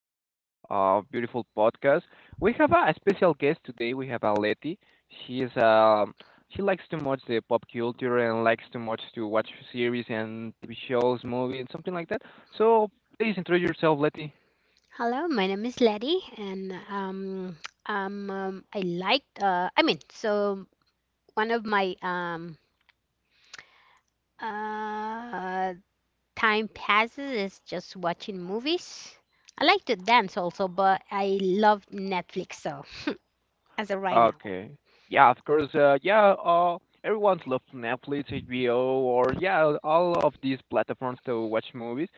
this beautiful podcast. We have a special guest today. We have a Letty. She is she likes too much the pop culture and likes too much to watch series and TV shows, movies, and something like that. So please introduce yourself, Letty. Hello, my name is Letty, and I liked. I mean, so one of my uh, time passes is just watching movies. I like to dance also, but I love Netflix. So as of right now, Okay. Yeah, of course. Yeah, everyone's loved Netflix, HBO, or yeah, all of these platforms to watch movies.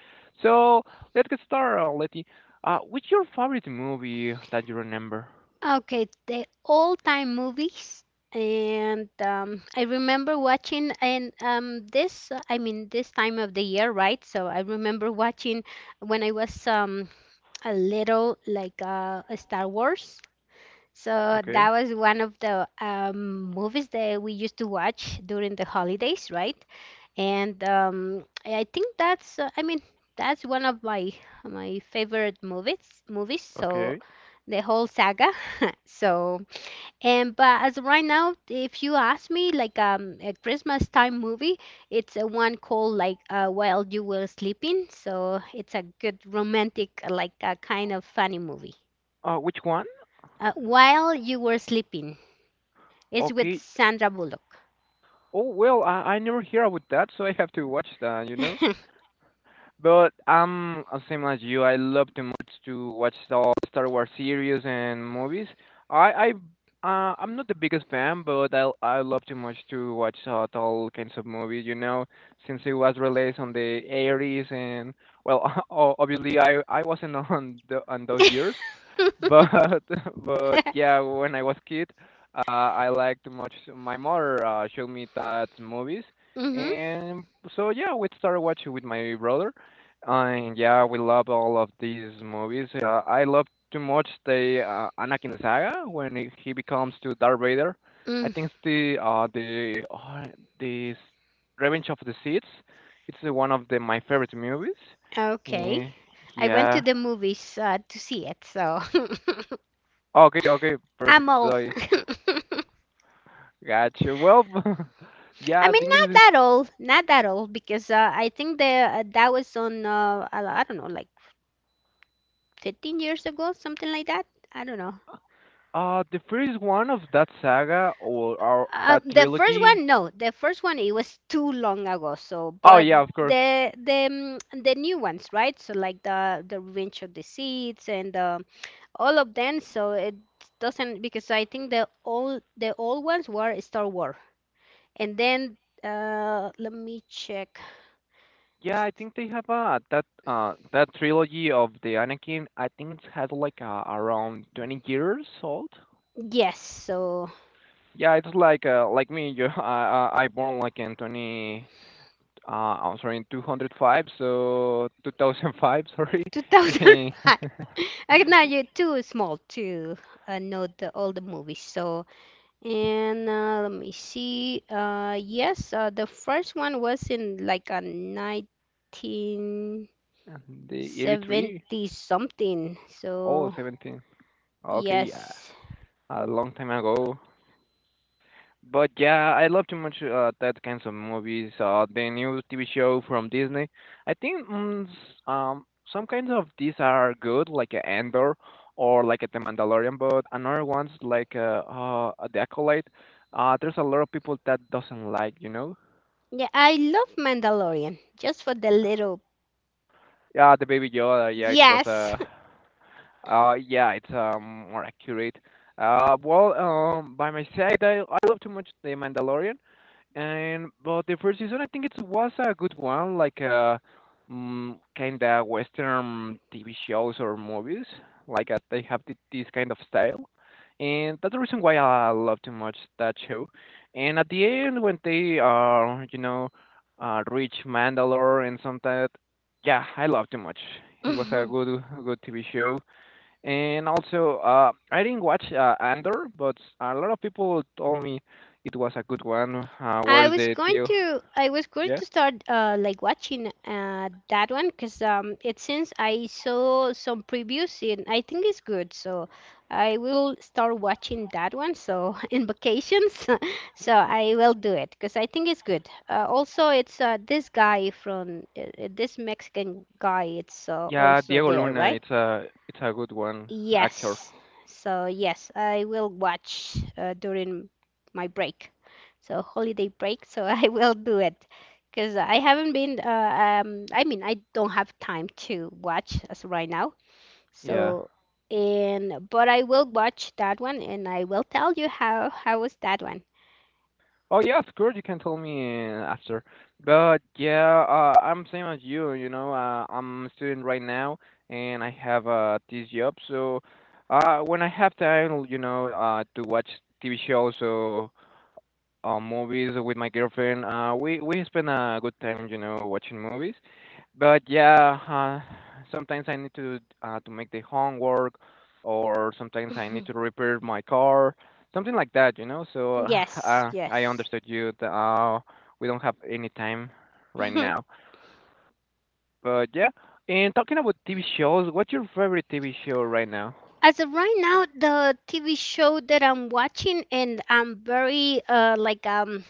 So let's get started, Letty. Which your favorite movie that you remember? okay, the all-time movies, and I remember watching and this. I mean, this time of the year, right? So I remember watching when I was a little a Star Wars. So Okay. that was one of the movies that we used to watch during the holidays, right? And I think that's, I mean, that's one of my favorite movies, Okay. the whole saga. So and but as of right now, if you ask me, like a Christmas time movie, it's a one called While You Were Sleeping. So it's a good romantic, like a kind of funny movie. Which one? While You Were Sleeping. It's with Okay. Sandra Bullock. Oh well, I never hear about that, so I have to watch that. You know. mm-hmm. But I'm same as you. I love too much to watch all Star Wars series and movies. I I I'm not the biggest fan, but I love too much to watch all kinds of movies. You know, since it was released on the 80s, and well, obviously I wasn't on the on those years, but but yeah, when I was kid, I liked much. My mother showed me that movies, and so yeah, we started watching with my brother, and yeah, we love all of these movies. I love too much the Anakin saga when he becomes to Darth Vader. I Mm, think it's the the Revenge of the Sith. It's one of the my favorite movies. okay. Eh, I went to yeah. the movies to see it, so Okay, okay, perfect. I'm old. So, gotcha. Well, I yeah, I mean, think it not is. that old, not that old, because I think the that was on uh, I don't know, like 15 years ago, something like that. I don't know. The first one of that saga or that The first trilogy. one, no, the first one it was too long ago. So, Oh but yeah, of course. the the the new ones, right? So like the Revenge of the Seeds and all of them. So it doesn't because I think the old ones were Star Wars, and then let me check. Yeah, Is- I think they have that that trilogy of the Anakin. I think it's had like around 20 years old. Yes, so Yeah, it's like like me. You, I born like in 20. Uh, I'm sorry, in 205. So 2005. Sorry. 2005. I know you're too small to know the all the movies. So And let me see. Yes, the first one was in like a 1970 And the 83. something. Oh, So, 17. Okay, yeah. yes. A long time ago. But yeah, I love too much that kinds of movies. The new TV show from Disney. I think um some kinds of these are good, like Andor or like The Mandalorian. But another ones like uh, The Acolyte. There's a lot of people that doesn't like, you know. Yeah, I love Mandalorian just for the little. Yeah, the Baby Yoda. Yeah, it was Yes. a. Yeah, it's more accurate. Well, by my side, I love too much The Mandalorian, and but the first season I think it was a good one, like kind of Western TV shows or movies, like they have this kind of style, and that's the reason why I love too much that show. And at the end, when they you know, reach Mandalore and something, yeah, I love too much. It was a good TV show and also, I didn't watch Andor, but a lot of people told me it was a good one. I Where's was the going deal? to I was going Yeah, to start like watching that one because it since I saw some previews and I think it's good, so I will start watching that one so in vacations so I will do it because I think it's good. Also it's this guy from this Mexican guy, it's yeah, also Diego there, Luna. right? It's a good one actor. Yes. So yes, I will watch during my break. So holiday break, so I will do it because I haven't been I don't have time to watch as of right now. Yeah. So and but I will watch that one and I will tell you how was that one. Oh yeah, of course you can tell me after. But yeah, I'm same as you. You know, I'm a student right now, and I have this job. So, when I have time, you know, to watch TV shows. So movies with my girlfriend. We spend a good time, you know, watching movies. But yeah, sometimes I need to make the homework, or sometimes I need Mhm. to repair my car, something like that, you know. So Yes, I yes. understood you. We don't have any time right Mhm. now. But yeah, and talking about TV shows, what's your favorite TV show right now? As of right now, the TV show that I'm watching and I'm very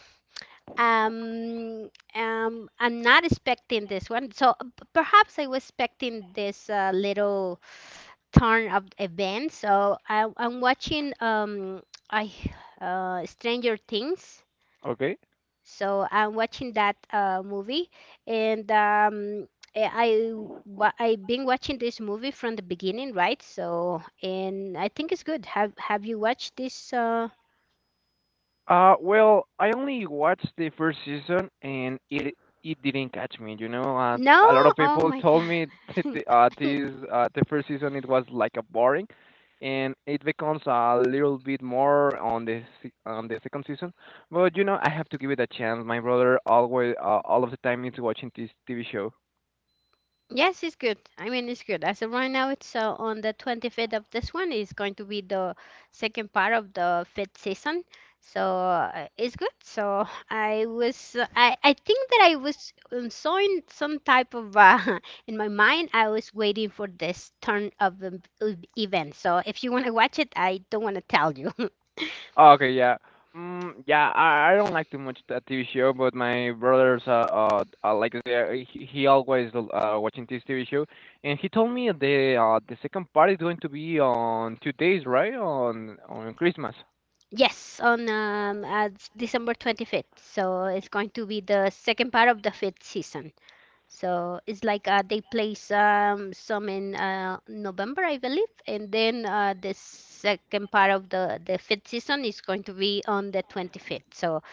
um I'm not expecting this one, so perhaps I was expecting this little turn of events, so I'm watching I Stranger Things, Okay. so I'm watching that movie. and um I I've been watching this movie from the beginning, right? So, and I think it's good. Have you watched this? Well, I only watched the first season, and it didn't catch me. You know, No? a lot of Oh people my God. told me that the first season it was like a boring, and it becomes a little bit more on the on the second season. But you know, I have to give it a chance. My brother always all of the time is watching this TV show. Yes, it's good. I mean, it's good. As of right now, it's on the 25th of this one. It's going to be the second part of the fifth season. So it's good. So I was, I think that I was so in some type of, in my mind, I was waiting for this turn of event. So if you want to watch it, I don't want to tell you. Oh, okay, yeah. Mm, yeah, I don't like too much that TV show, but my brother's like the, he always watching this TV show, and he told me the the second part is going to be on 2 days, right? On Christmas. Yes, on December 25th. So it's going to be the second part of the fifth season. So it's like they place some in November, I believe, and then the second part of the fifth season is going to be on the 25th. So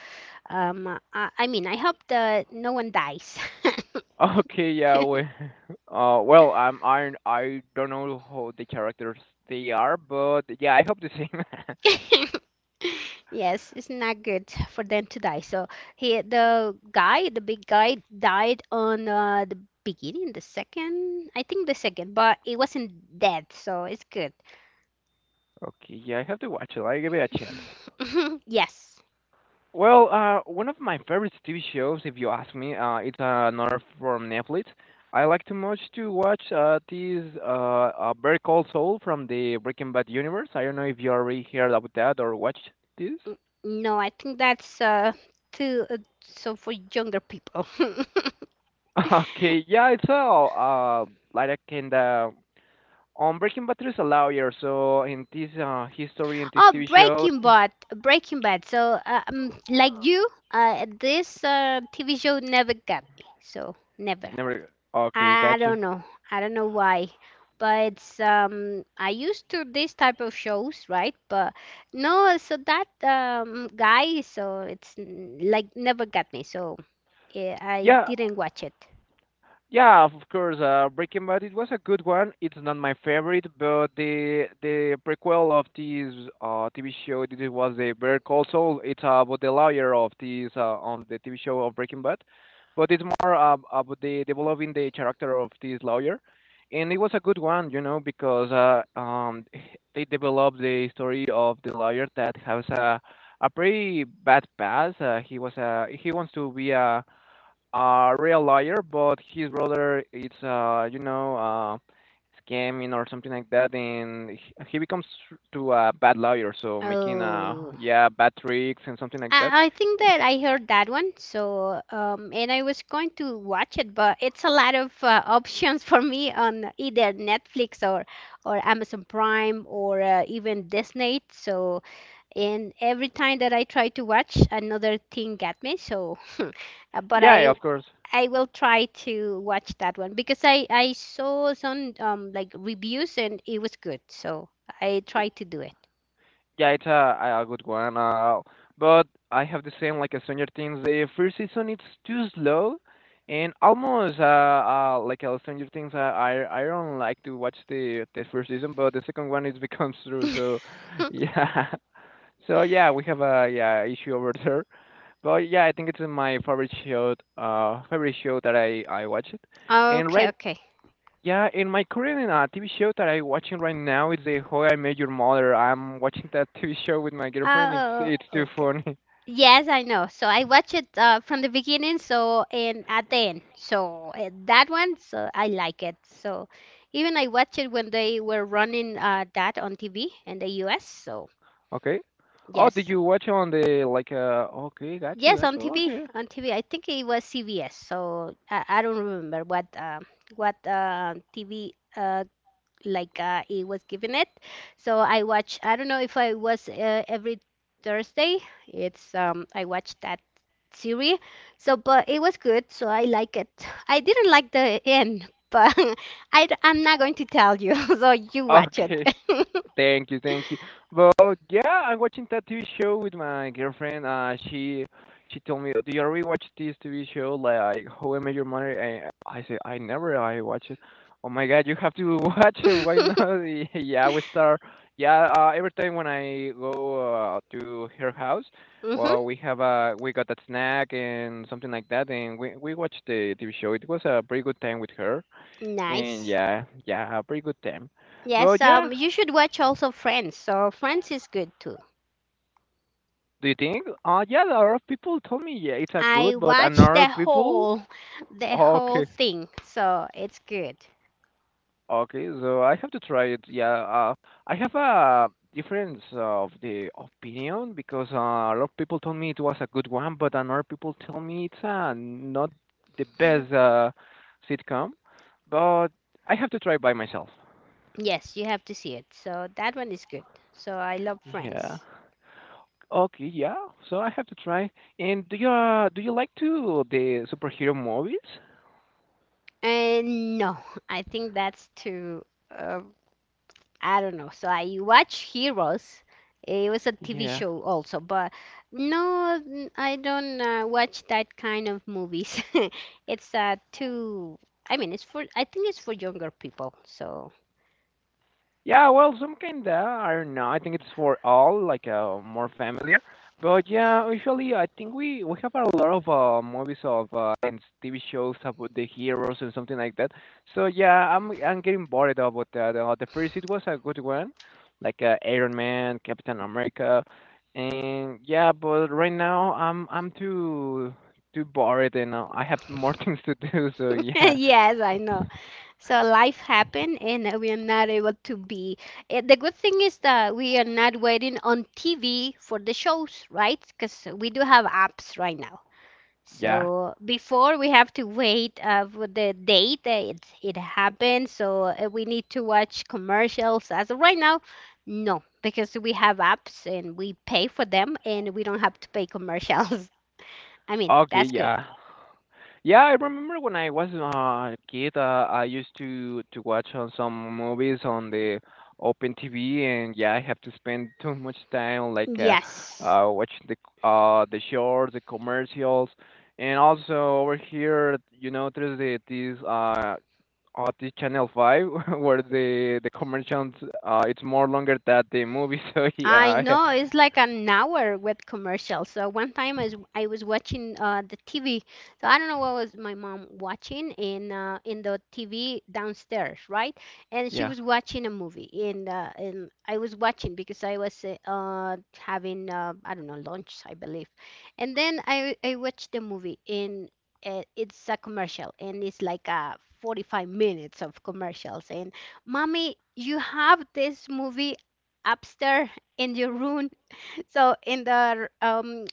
um, I mean, I hope that no one dies. Okay, yeah. We, I don't know how the characters they are, but yeah, I hope the same. Yes, it's not good for them to die. So he, the guy, the big guy, died on the beginning, the second, I think the second, but it wasn't dead, so it's good. Okay, yeah, I have to watch it. I give it a chance. Yes. Well, one of my favorite TV shows, if you ask me, it's another from Netflix. I like too much to watch this Very Cold Soul from the Breaking Bad universe. I don't know if you already heard about that or watched this. N- No, I think that's too so for younger people. Okay, yeah, it's all like a kind of on Breaking Bad there's a lawyer, so in this history in this Oh, TV show, Breaking Bad. So, like you, this TV show never got me. So, never. never. Okay, I got you. don't know. I don't know why. But I used to this type of shows, right? But no, so that guy, so it's like never got me. So, I Yeah, didn't watch it. yeah, of course. Breaking Bad it was a good one. It's not my favorite, but the prequel of this TV show this was the Better Call Saul. It's about the lawyer of this on the TV show of Breaking Bad, but it's more about the developing the character of this lawyer, and it was a good one, you know, because they developed the story of the lawyer that has a pretty bad past. He was a he wants to be a real lawyer, but his brother is you know scamming or something like that, and he becomes to a bad lawyer, so making Oh. yeah bad tricks and something like that. I think that I heard that one, so and I was going to watch it, but it's a lot of options for me on either Netflix or Amazon Prime or even Disney. So and every time that I try to watch, another thing got me. So, uh, but I Yeah, of course. I will try to watch that one because I saw some like reviews and it was good, so I tried to do it. Yeah, it's a good one. But I have the same like a Stranger Things. The first season it's too slow. And almost Stranger Things, I don't like to watch the first season, but the second one it becomes true. So yeah. So yeah, we have a yeah issue over there, but yeah, I think it's my favorite show that I watch it, and Okay, right okay. yeah, in my current TV show that I watching right now is the How I Met Your Mother. I'm watching that TV show with my girlfriend. It's Oh, it's too okay. funny. Yes, I know. So I watch it from the beginning, so and at the end. So that one, so I like it. So even I watch it when they were running that on TV in the US. So Okay. Oh, did yes, you watch on the like uh? Okay, yes, got on you. Okay. on TV. I think it was CBS. So I don't remember what TV uh, it was giving it. So I watch. I don't know if I was every Thursday. It's I watched that series. So but it was good. So I like it. I didn't like the end, but I'm not going to tell you. So you watch it. Okay. Thank you. Well, yeah, I'm watching that TV show with my girlfriend. She told me, "Do you already watch this TV show, like How I Met Your Mother?" And I said, "I never, I watch it." Oh my God, you have to watch it. Why not? Yeah, we start. Yeah, every time when I go to her house, hmm well, we have a we got that snack and something like that, and we watched the TV show. It was a pretty good time with her, and Nice. Yeah, a pretty good time. Yes, But yeah, you should watch also Friends. So Friends is good too. do you think? Yeah, a lot of people told me yeah, it's a I good, but watched another people, the whole okay, thing, so it's good. okay. So I have to try it. Yeah, I have a difference of the opinion because a lot of people told me it was a good one, but another people tell me it's not the best sitcom. But I have to try by myself. Yes, you have to see it. So that one is good. So I love Yeah. Friends. Okay. Yeah. So I have to try. And do you like to the superhero movies? And no, I think that's too. Uh, I don't know. So I watch Heroes. It was a TV Yeah. show also, but no, I don't watch that kind of movies. It's too. I mean, it's for. I think it's for younger people. So Yeah, well, some kinda, I don't know, I think it's for all, like, more familiar. But yeah, usually I think we have a lot of, movies of, and TV shows about the heroes and something like that. So yeah, I'm getting bored about that. The first it was a good one, like, Iron Man, Captain America, and yeah, but right now I'm too bored and I have more things to do. So yeah, yes, I know. So life happened, and we are not able to be. The good thing is that we are not waiting on TV for the shows, right? Because we do have apps right now. yeah, So before we have to wait for the date that it happens. So we need to watch commercials. As of right now, no, because we have apps and we pay for them and we don't have to pay commercials. I mean, okay, that's good. yeah. Yeah, I remember when I was a kid, I used to watch on some movies on the open TV, and yeah, I have to spend too much time like Yes. Watching the the shorts, the commercials, and also over here, you know, there's the these the Channel 5 where the commercials it's more longer than the movie, so I yeah, I- know it's like an hour with commercials. So one time I was watching the TV. So I don't know what was my mom watching in the TV downstairs, right? And she yeah. was watching a movie. And I was watching because I was having I don't know, lunch, I believe. And then I watched the movie and it's a commercial and it's like 45 minutes of commercials, and mommy, you have this movie upstairs in your room. So in the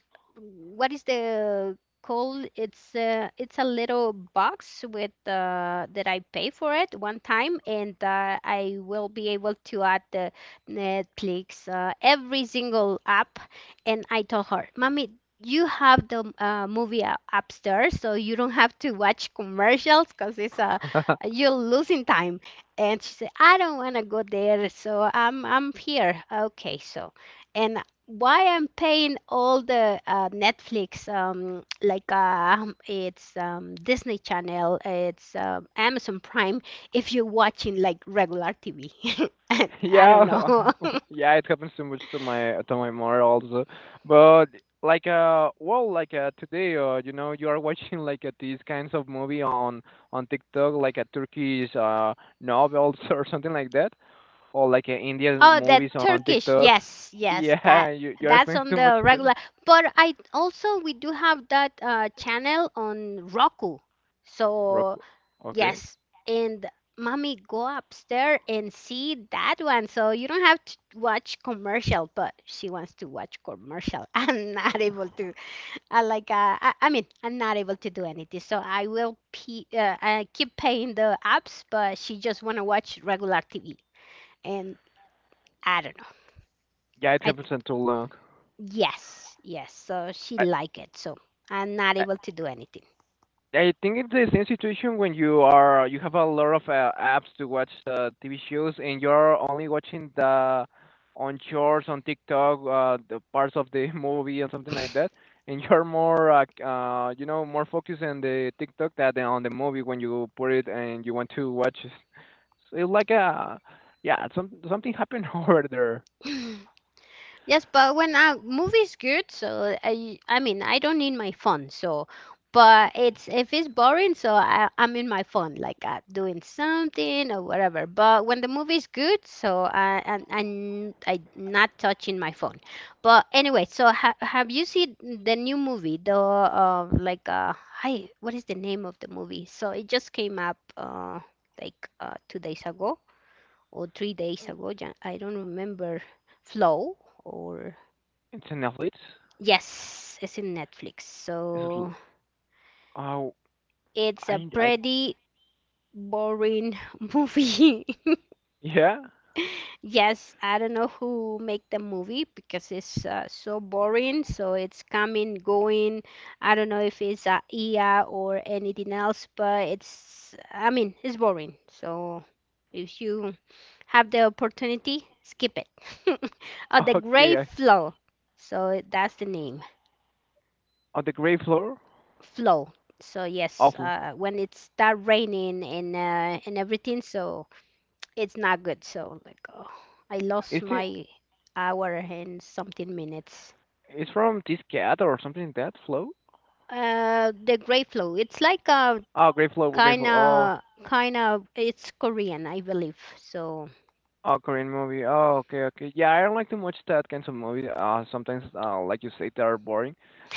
what is the called? It's a little box with that I pay for it one time, and I will be able to add the Netflix, every single app. And I told her, "Mommy, you have the movie upstairs, so you don't have to watch commercials because it's you're losing time." And she said, "I don't want to go there, so I'm here." Okay, so. And why I'm paying all the Netflix, like it's Disney Channel, it's Amazon Prime, if you're watching like regular TV. I don't Yeah, know. yeah, it happens so much to my mother also. But today, you are watching these kinds of movie on TikTok, like a Turkish novels or something like that, or Indian Oh, movies that on Turkish. TikTok. Yes, that Yeah, you are that's spending on too much the to. regular. But I also we do have that channel on Roku. So Roku. Okay. Yes. And mommy, go upstairs and see that one. So you don't have to watch commercial, but she wants to watch commercial. I'm not able to. I mean, I'm not able to do anything. So I will I keep paying the apps, but she just want to watch regular TV. And I don't know. Yeah, it I happens until long. yes, yes. So she I, I like it. So I'm not able to do anything. I think it's the same situation when you have a lot of apps to watch TV shows and you're only watching the on shorts on TikTok, the parts of the movie and something like that, and you're more more focused on the TikTok than on the movie when you put it and you want to watch it. So it's like a yeah, something happened over there. Yes, but when a movie's good, I mean, I don't need my phone. So, but it's if it's boring, so I'm in my phone, like doing something or whatever. But when the movie's good, so I, and I not touching my phone. But anyway, so ha have you seen the new movie? What is the name of the movie? So it just came up 2 days ago or 3 days ago. I don't remember. Flow or. It's an athlete. Yes, it's in Netflix. It's l- So oh it's a I pretty boring movie. yeah Yes, I don't know who make the movie because it's so boring. So it's coming, going. I don't know if it's IA or anything else, but I mean, it's boring. So if you have the opportunity, skip it. Oh, The okay Grey I, Flow. So that's the name. on the gray floor Flow. So yes, of. When it start raining and and everything, so it's not good. So like, oh, I lost Is it? my hour and something minutes. It's from this cat or something like that? Flow? The gray flow. It's like a Oh, great Grateful, kind Grateful. Oh, of kind of it's Korean, I believe. So oh, Korean movie. Oh, okay. Yeah, I don't like too much that kinds of movies. Sometimes, like you say, they are boring.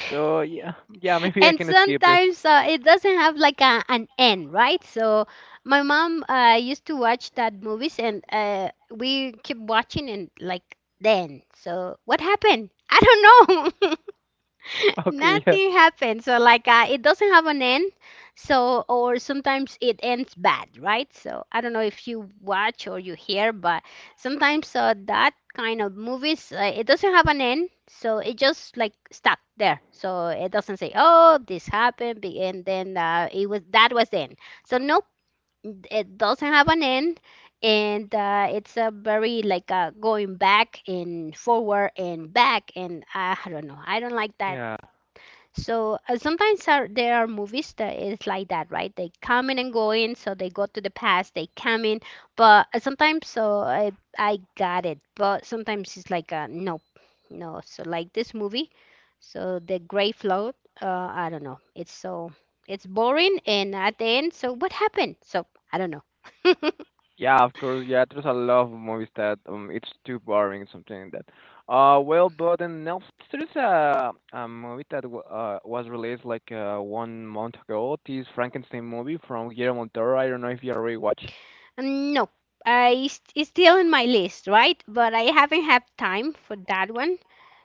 So yeah, maybe I and can skip it. sometimes it doesn't have like a, an end, right? So my mom used to watch that movies and we keep watching and like then so what happened? I don't know. Okay, Nothing happens. So like it doesn't have an end. So or sometimes it ends bad, right? So I don't know if you watch or you hear, but sometimes that kind of movies it doesn't have an end. So it just like stuck there. So it doesn't say, oh, this happened, and then it was that was the end. So nope, it doesn't have an end. And it's a very like going back and forward and back and I don't know. I don't like that. yeah, So sometimes there are movies that is like that, right? They come in and go in, so they go to the past, they come in, but sometimes so I got it, but sometimes it's like nope, no. So like this movie, so the Gray Float, I don't know. It's so it's boring, and at the end, so what happened? So I don't know. yeah, Of course, yeah. There's a lot of movies that it's too boring, something like that. Well, but in Netflix, there's a movie that was released like 1 month ago. This Frankenstein movie from Guillermo del Toro. I don't know if you already watched. No, I it's still in my list, right? But I haven't had time for that one.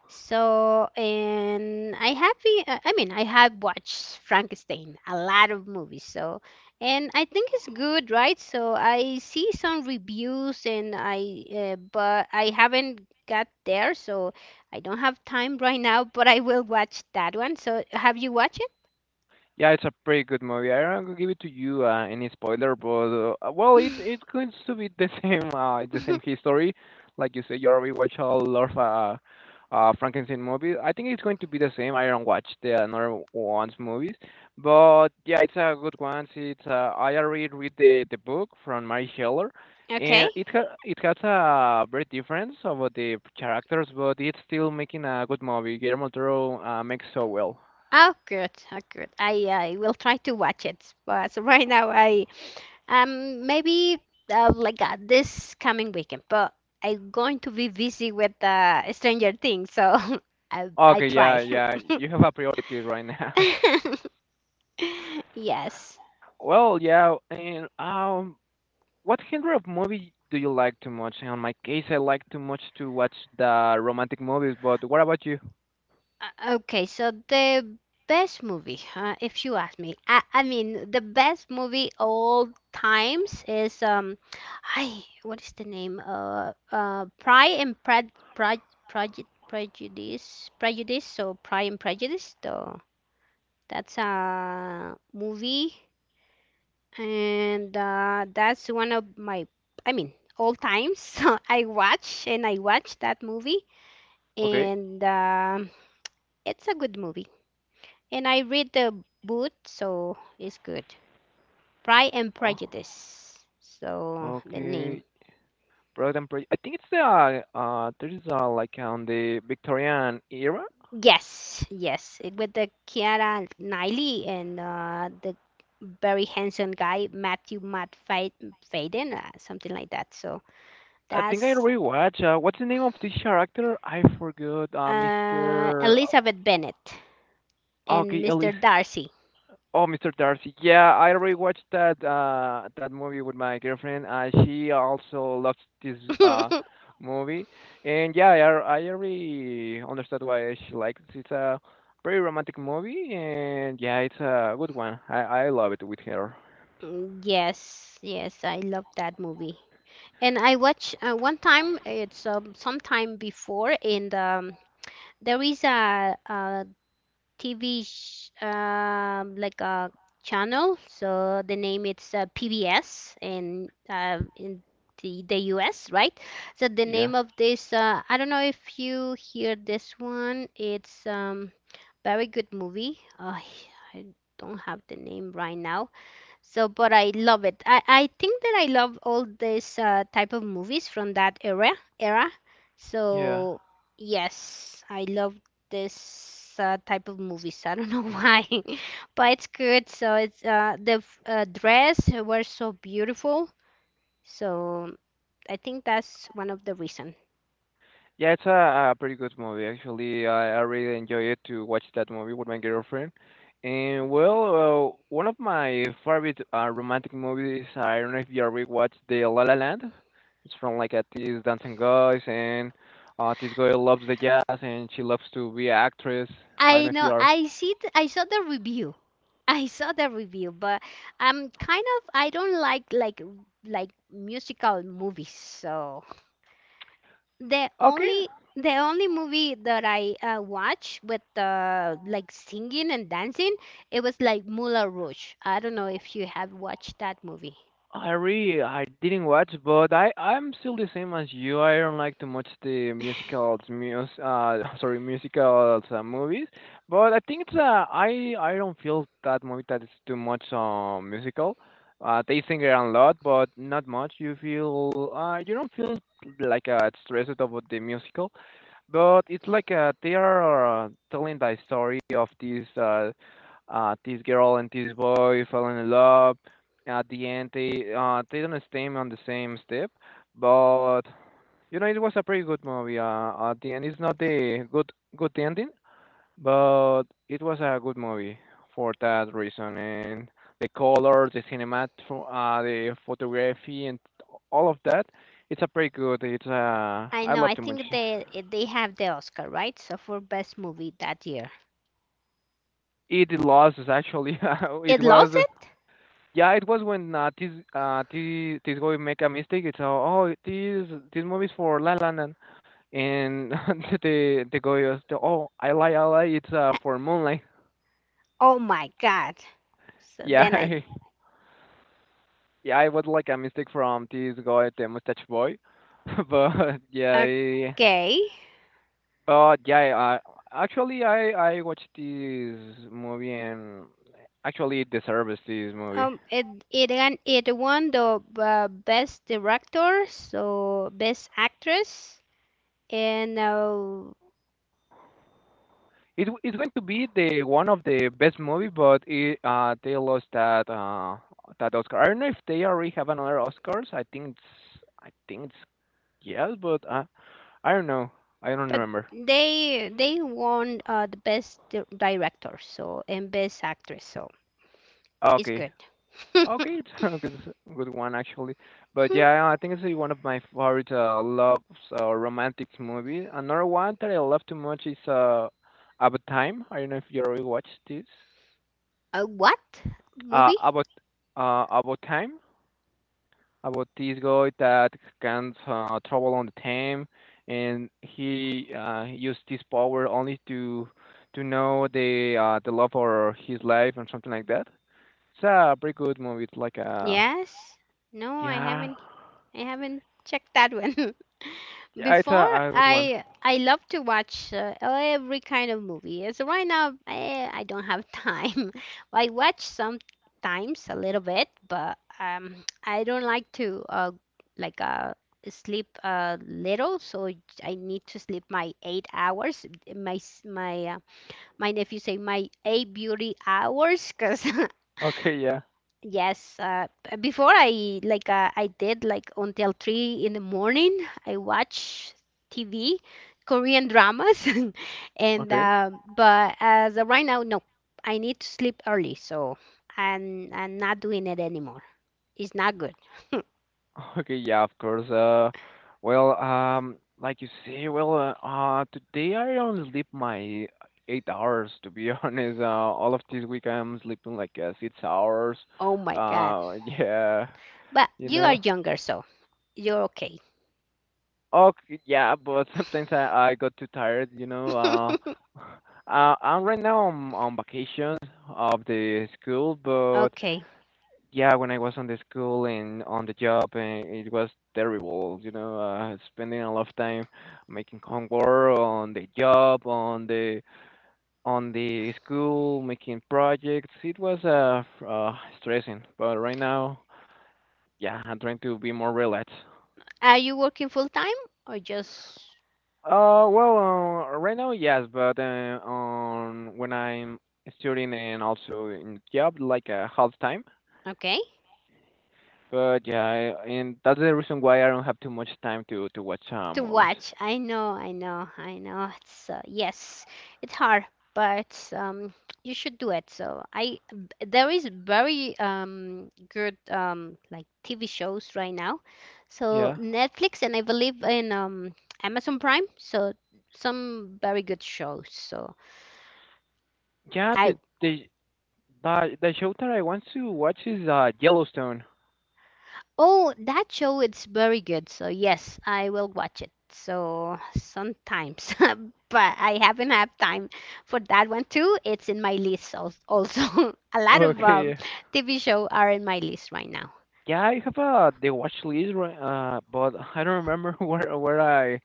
So, and I have, I mean, I have watched Frankenstein, a lot of movies. So, and I think it's good, right? So I see some reviews, and I, but I haven't got there, so I don't have time right now. But I will watch that one. So, have you watched Yeah, it's a pretty good movie. I don't gonna give it to you any spoiler, but well, it? it going to be the same the same history, like you said. You already watch a lot of Frankenstein movie. I think it's going to be the same. I don't watch the another one's movies, but yeah, it's a good one. It's I already read the book from Mary Heller, Okay. and it has a very difference about the characters, but it's still making a good movie. Guillermo del Toro makes so well. Oh, good. Oh, good. I will try to watch it, but right now I maybe this coming weekend, but I'm going to be busy with Stranger Things, so I Okay, try. yeah, yeah. You have a priority right now. Yes. Well, yeah, and what genre of movie do you like too much? In my case, I like too much to watch the romantic movies, but what about you? Okay, so the best movie, if you ask me, I mean the best movie all times is I what is the name? Pride and Prejudice, Prejudice, so Pride and Prejudice, the That's a movie, and that's one of my, I mean, all times. So I watch and I watch that movie, Okay. and it's a good movie. And I read the book, so it's good. Pride and Oh, Prejudice. So the name. okay. Product and Pre- I think it's the there is like on the Victorian era. Yes, yes, it, with the Kiara Knightley and the very handsome guy Matthew Matt Faden, something like that. So I think I that's already watched. What's the name of this character? I forgot. Mr. Elizabeth Bennet and Okay, Elise. Mr. Darcy. Oh, Mr. Darcy. Yeah, I rewatched that movie with my girlfriend. She also loves this movie, and yeah, I already understood why she likes it. It's a very romantic movie, and yeah, it's a good one. I love it with her. Yes, yes, I love that movie. And I watch one time it's sometime before and there is a, TV sh like a channel so the name it's PBS in the US right so the Yeah, name of this I don't know if you hear this one it's Very good movie. I don't have the name right now. So, but I love it. I think that I love all this type of movies from that era era. yeah. So, yes, I love this type of movies. I don't know why, but it's good. So it's dress were so beautiful. So I think that's one of the reason. Yeah, it's a pretty good movie actually. I really enjoy it to watch that movie with my girlfriend. And well, one of my favorite romantic movies. I don't know if you already watched the La La Land. It's from like a this dancing guys and this girl loves the jazz and she loves to be an actress. I don't I know if you know. are. I see. I saw the review I saw the review, but I'm kind of I don't like like musical movies. So the Okay, only the only movie that I watched with like singing and dancing, it was like Moulin Rouge. I don't know if you have watched that movie. I really I didn't watch, but I'm still the same as you. I don't like too much the musicals, mus sorry musicals movies. But I think it's I don't feel that movie that is too much musical. They sing around a lot, but not much. You don't feel stressed about the musical. But it's like they are telling the story of this this girl and this boy falling in love. At the end, they don't stay on the same step, but you know it was a pretty good movie. At the end, it's not the good good ending, but it was a good movie for that reason. And the colors, the photography, and all of that, it's a pretty good. It's I I know. I loved it much. think they have the Oscar, right? So for best movie that year, It loses actually. it it lost was it. yeah, it was when this guy make a mistake. It's oh this this movie is for La La Land, and the guy was oh I lie it's for Moonlight. Oh my God! So then I Yeah, yeah, it was like a mistake from this guy the mustache boy, but yeah, eh, okay. but yeah, actually I watched this movie and actually it deserves this movie. It it won the best director, so best actress, and It's going to be the one of the best movie, but they lost that Oscar. I don't know if they already have another Oscars. I think it's yes, but I don't know. I don't but remember. they they won the director, so and best actress, so it's Okay, good. okay, it's, it's a good one actually. But yeah, I think it's one of my favorite love or romantic movie. Another one that I love too much is About Time. I don't know if you already watched this. A what Uh, movie? about About Time. About this guy that can travel on the time, and he used this power only to know the love for his life and something like that. It's a pretty good movie. It's like a Yes? No, yeah, I haven't checked that one. yeah, it's a, Before a good one. I love to watch every kind of movie. So right now I don't have time. I watch sometimes a little bit, but I don't like to like uh sleep a little, so I need to sleep my 8 hours. My s- my uh, my nephew say my 8 beauty hours cuz Okay, yeah, Yes, before I like I did like until three in the morning. I watch TV, Korean dramas, and okay. But as of right now, no, I need to sleep early, so I'm not doing it anymore. It's not good. Okay, yeah, of course. Well, today I only sleep my 8 hours. To be honest, all of this week I'm sleeping like 6 hours. Oh my God! Yeah, But you you are know. younger, so you're okay. Okay, yeah, but sometimes I got too tired. You know. I'm right now on vacation of the school, but Okay. yeah, when I was on the school and on the job, it was terrible. You know, spending a lot of time making homework on the job, on the school, making projects. It was stressing. But right now, yeah, I'm trying to be more relaxed. Are you working full time or just Well, right now, yes, but on when I'm studying and also in job, like half time. okay? But yeah, I, and that's the reason why I don't have too much time to watch To movies. watch. I know, I know, I know. It's yes, it's hard, but you should do it. So there is very good like TV shows right now. So Yeah, Netflix and I believe in Amazon Prime. So some very good shows. So yeah. I the the show that I want to watch is Yellowstone. Oh, that show it's very good. So yes, I will watch it. So sometimes, but I haven't had time for that one too. It's in my list also. A lot of Okay. TV show are in my list right now. Yeah, I have the watch list, but I don't remember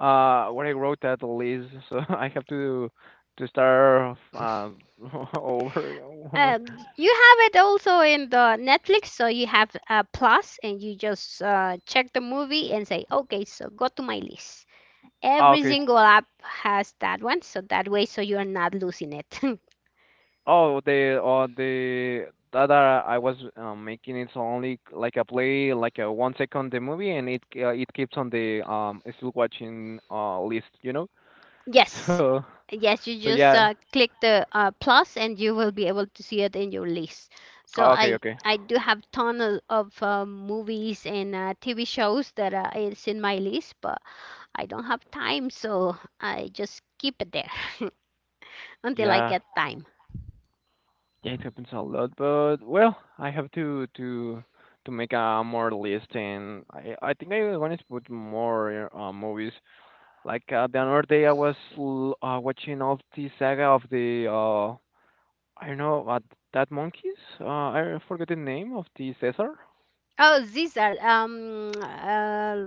where I wrote that list, so I have to start over one more. Um, you have it also in the Netflix, so you have a plus, and you just check the movie and say, okay, so go to my list. Ah, Every okay. single app has that one, so that way, so you are not losing it. Oh, the that I was making it's only like a play like a 1 second the movie and it keeps on the still watching list, you know. Yes. so Yes, you so just yeah. Click the plus and you will be able to see it in your list. So Oh, okay okay I do have ton of movies and TV shows that is in my list, but I don't have time, so I just keep it there until I yeah get time. yeah it happens a lot but well I have to to make a more list and I think I wanted to put more movies like the other day I was watching all the saga of the I don't know what that monkeys. I forgot the name of the Caesar. Oh, these are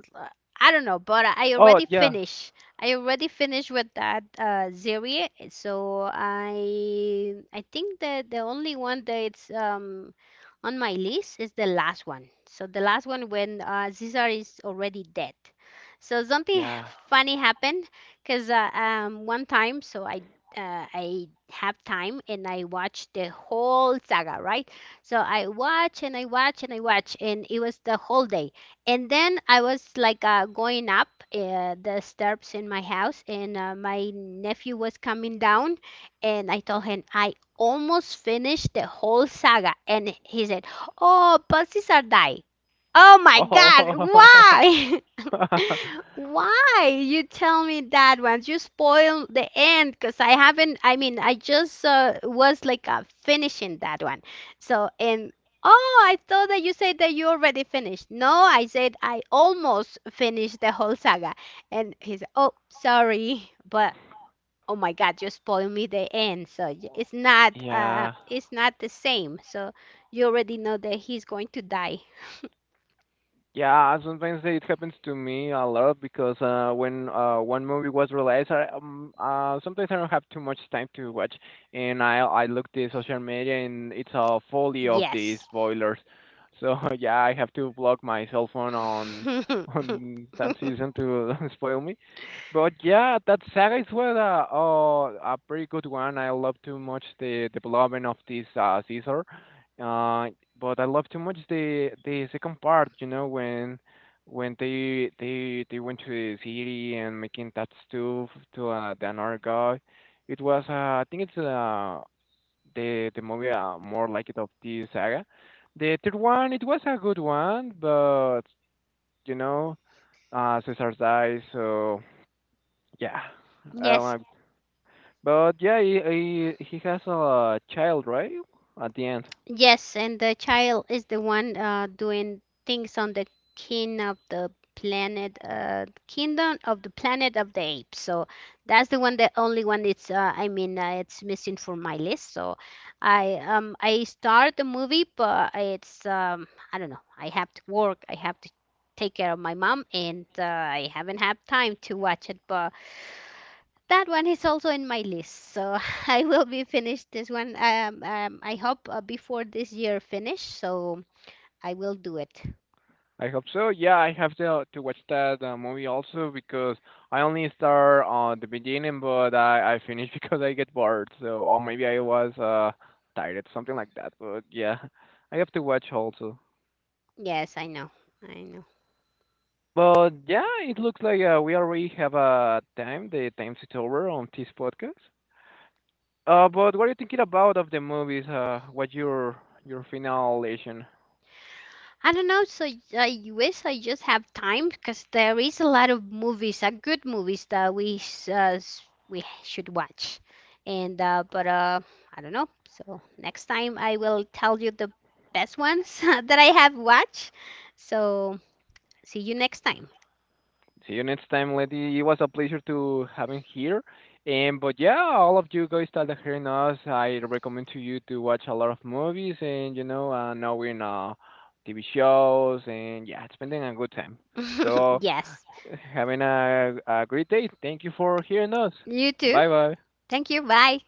I don't know, but I Oh already yeah. finished. I already finished with that series, so I think that the only one that it's on my list is the last one. So the last one when Caesar is already dead. So something Yeah. funny happened because one time so I have time and I watched the whole saga, right? So I watch and I watch and I watch, and it was the whole day. And then I was like going up the steps in my house, and my nephew was coming down, and I told him I almost finished the whole saga, and he said, "Oh, pussies are die." Oh my God, Oh. why? Why you tell me that once? You spoil the end because I haven't. I mean, I just was like finishing that one. So and oh, I thought that you said that you already finished. No, I said I almost finished the whole saga. And he said, "Oh, sorry, but oh my God, you spoiled me the end. So it's not. Yeah. It's not the same. So you already know that he's going to die. Yeah, sometimes it happens to me a lot because when one movie was released, sometimes I don't have too much time to watch, and I look the social media and it's a folly of the Yes." spoilers. So yeah, I have to block my cell phone on on that season to spoil me. But yeah, that saga is a pretty good one. I love too much the development of this Caesar. Uh, but I love too much the second part, you know, when when they went to the city and making that stuff to the another guy. It was I think it's the movie more like it of this saga. The third one it was a good one, but you know, Cesar dies, so yeah, I don't Yes, like. But yeah, he has a child, right? At the end. Yes, and the child is the one doing things on the king of the planet, kingdom of the planet of the apes. So that's the one, the only one. It's I mean, it's missing from my list. So I start the movie, but it's I don't know. I have to work. I have to take care of my mom, and I haven't had time to watch it, but. That one is also in my list, so I will be finished this one. I hope before this year finish, so I will do it. I hope so. Yeah, I have to watch that movie also because I only start on the beginning, but I finish because I get bored. So or maybe I was tired, something like that. But yeah, I have to watch also. Yes, I know, I know. But yeah, it looks like we already have a time. The time is over on this podcast. But what are you thinking about of the movies? What's your final. I don't know, so I wish I just have time because there is a lot of movies, good movies that we we should watch, and but I don't know. So next time I will tell you the best ones that I have watched. So see you next time. See you next time, Letty. It was a pleasure to having here. And but yeah, all of you guys that are hearing us, I recommend to you to watch a lot of movies, and you know, knowing TV shows and yeah, spending a good time. So Yes. having a great day. Thank you for hearing us. You too. Bye bye. Thank you. Bye.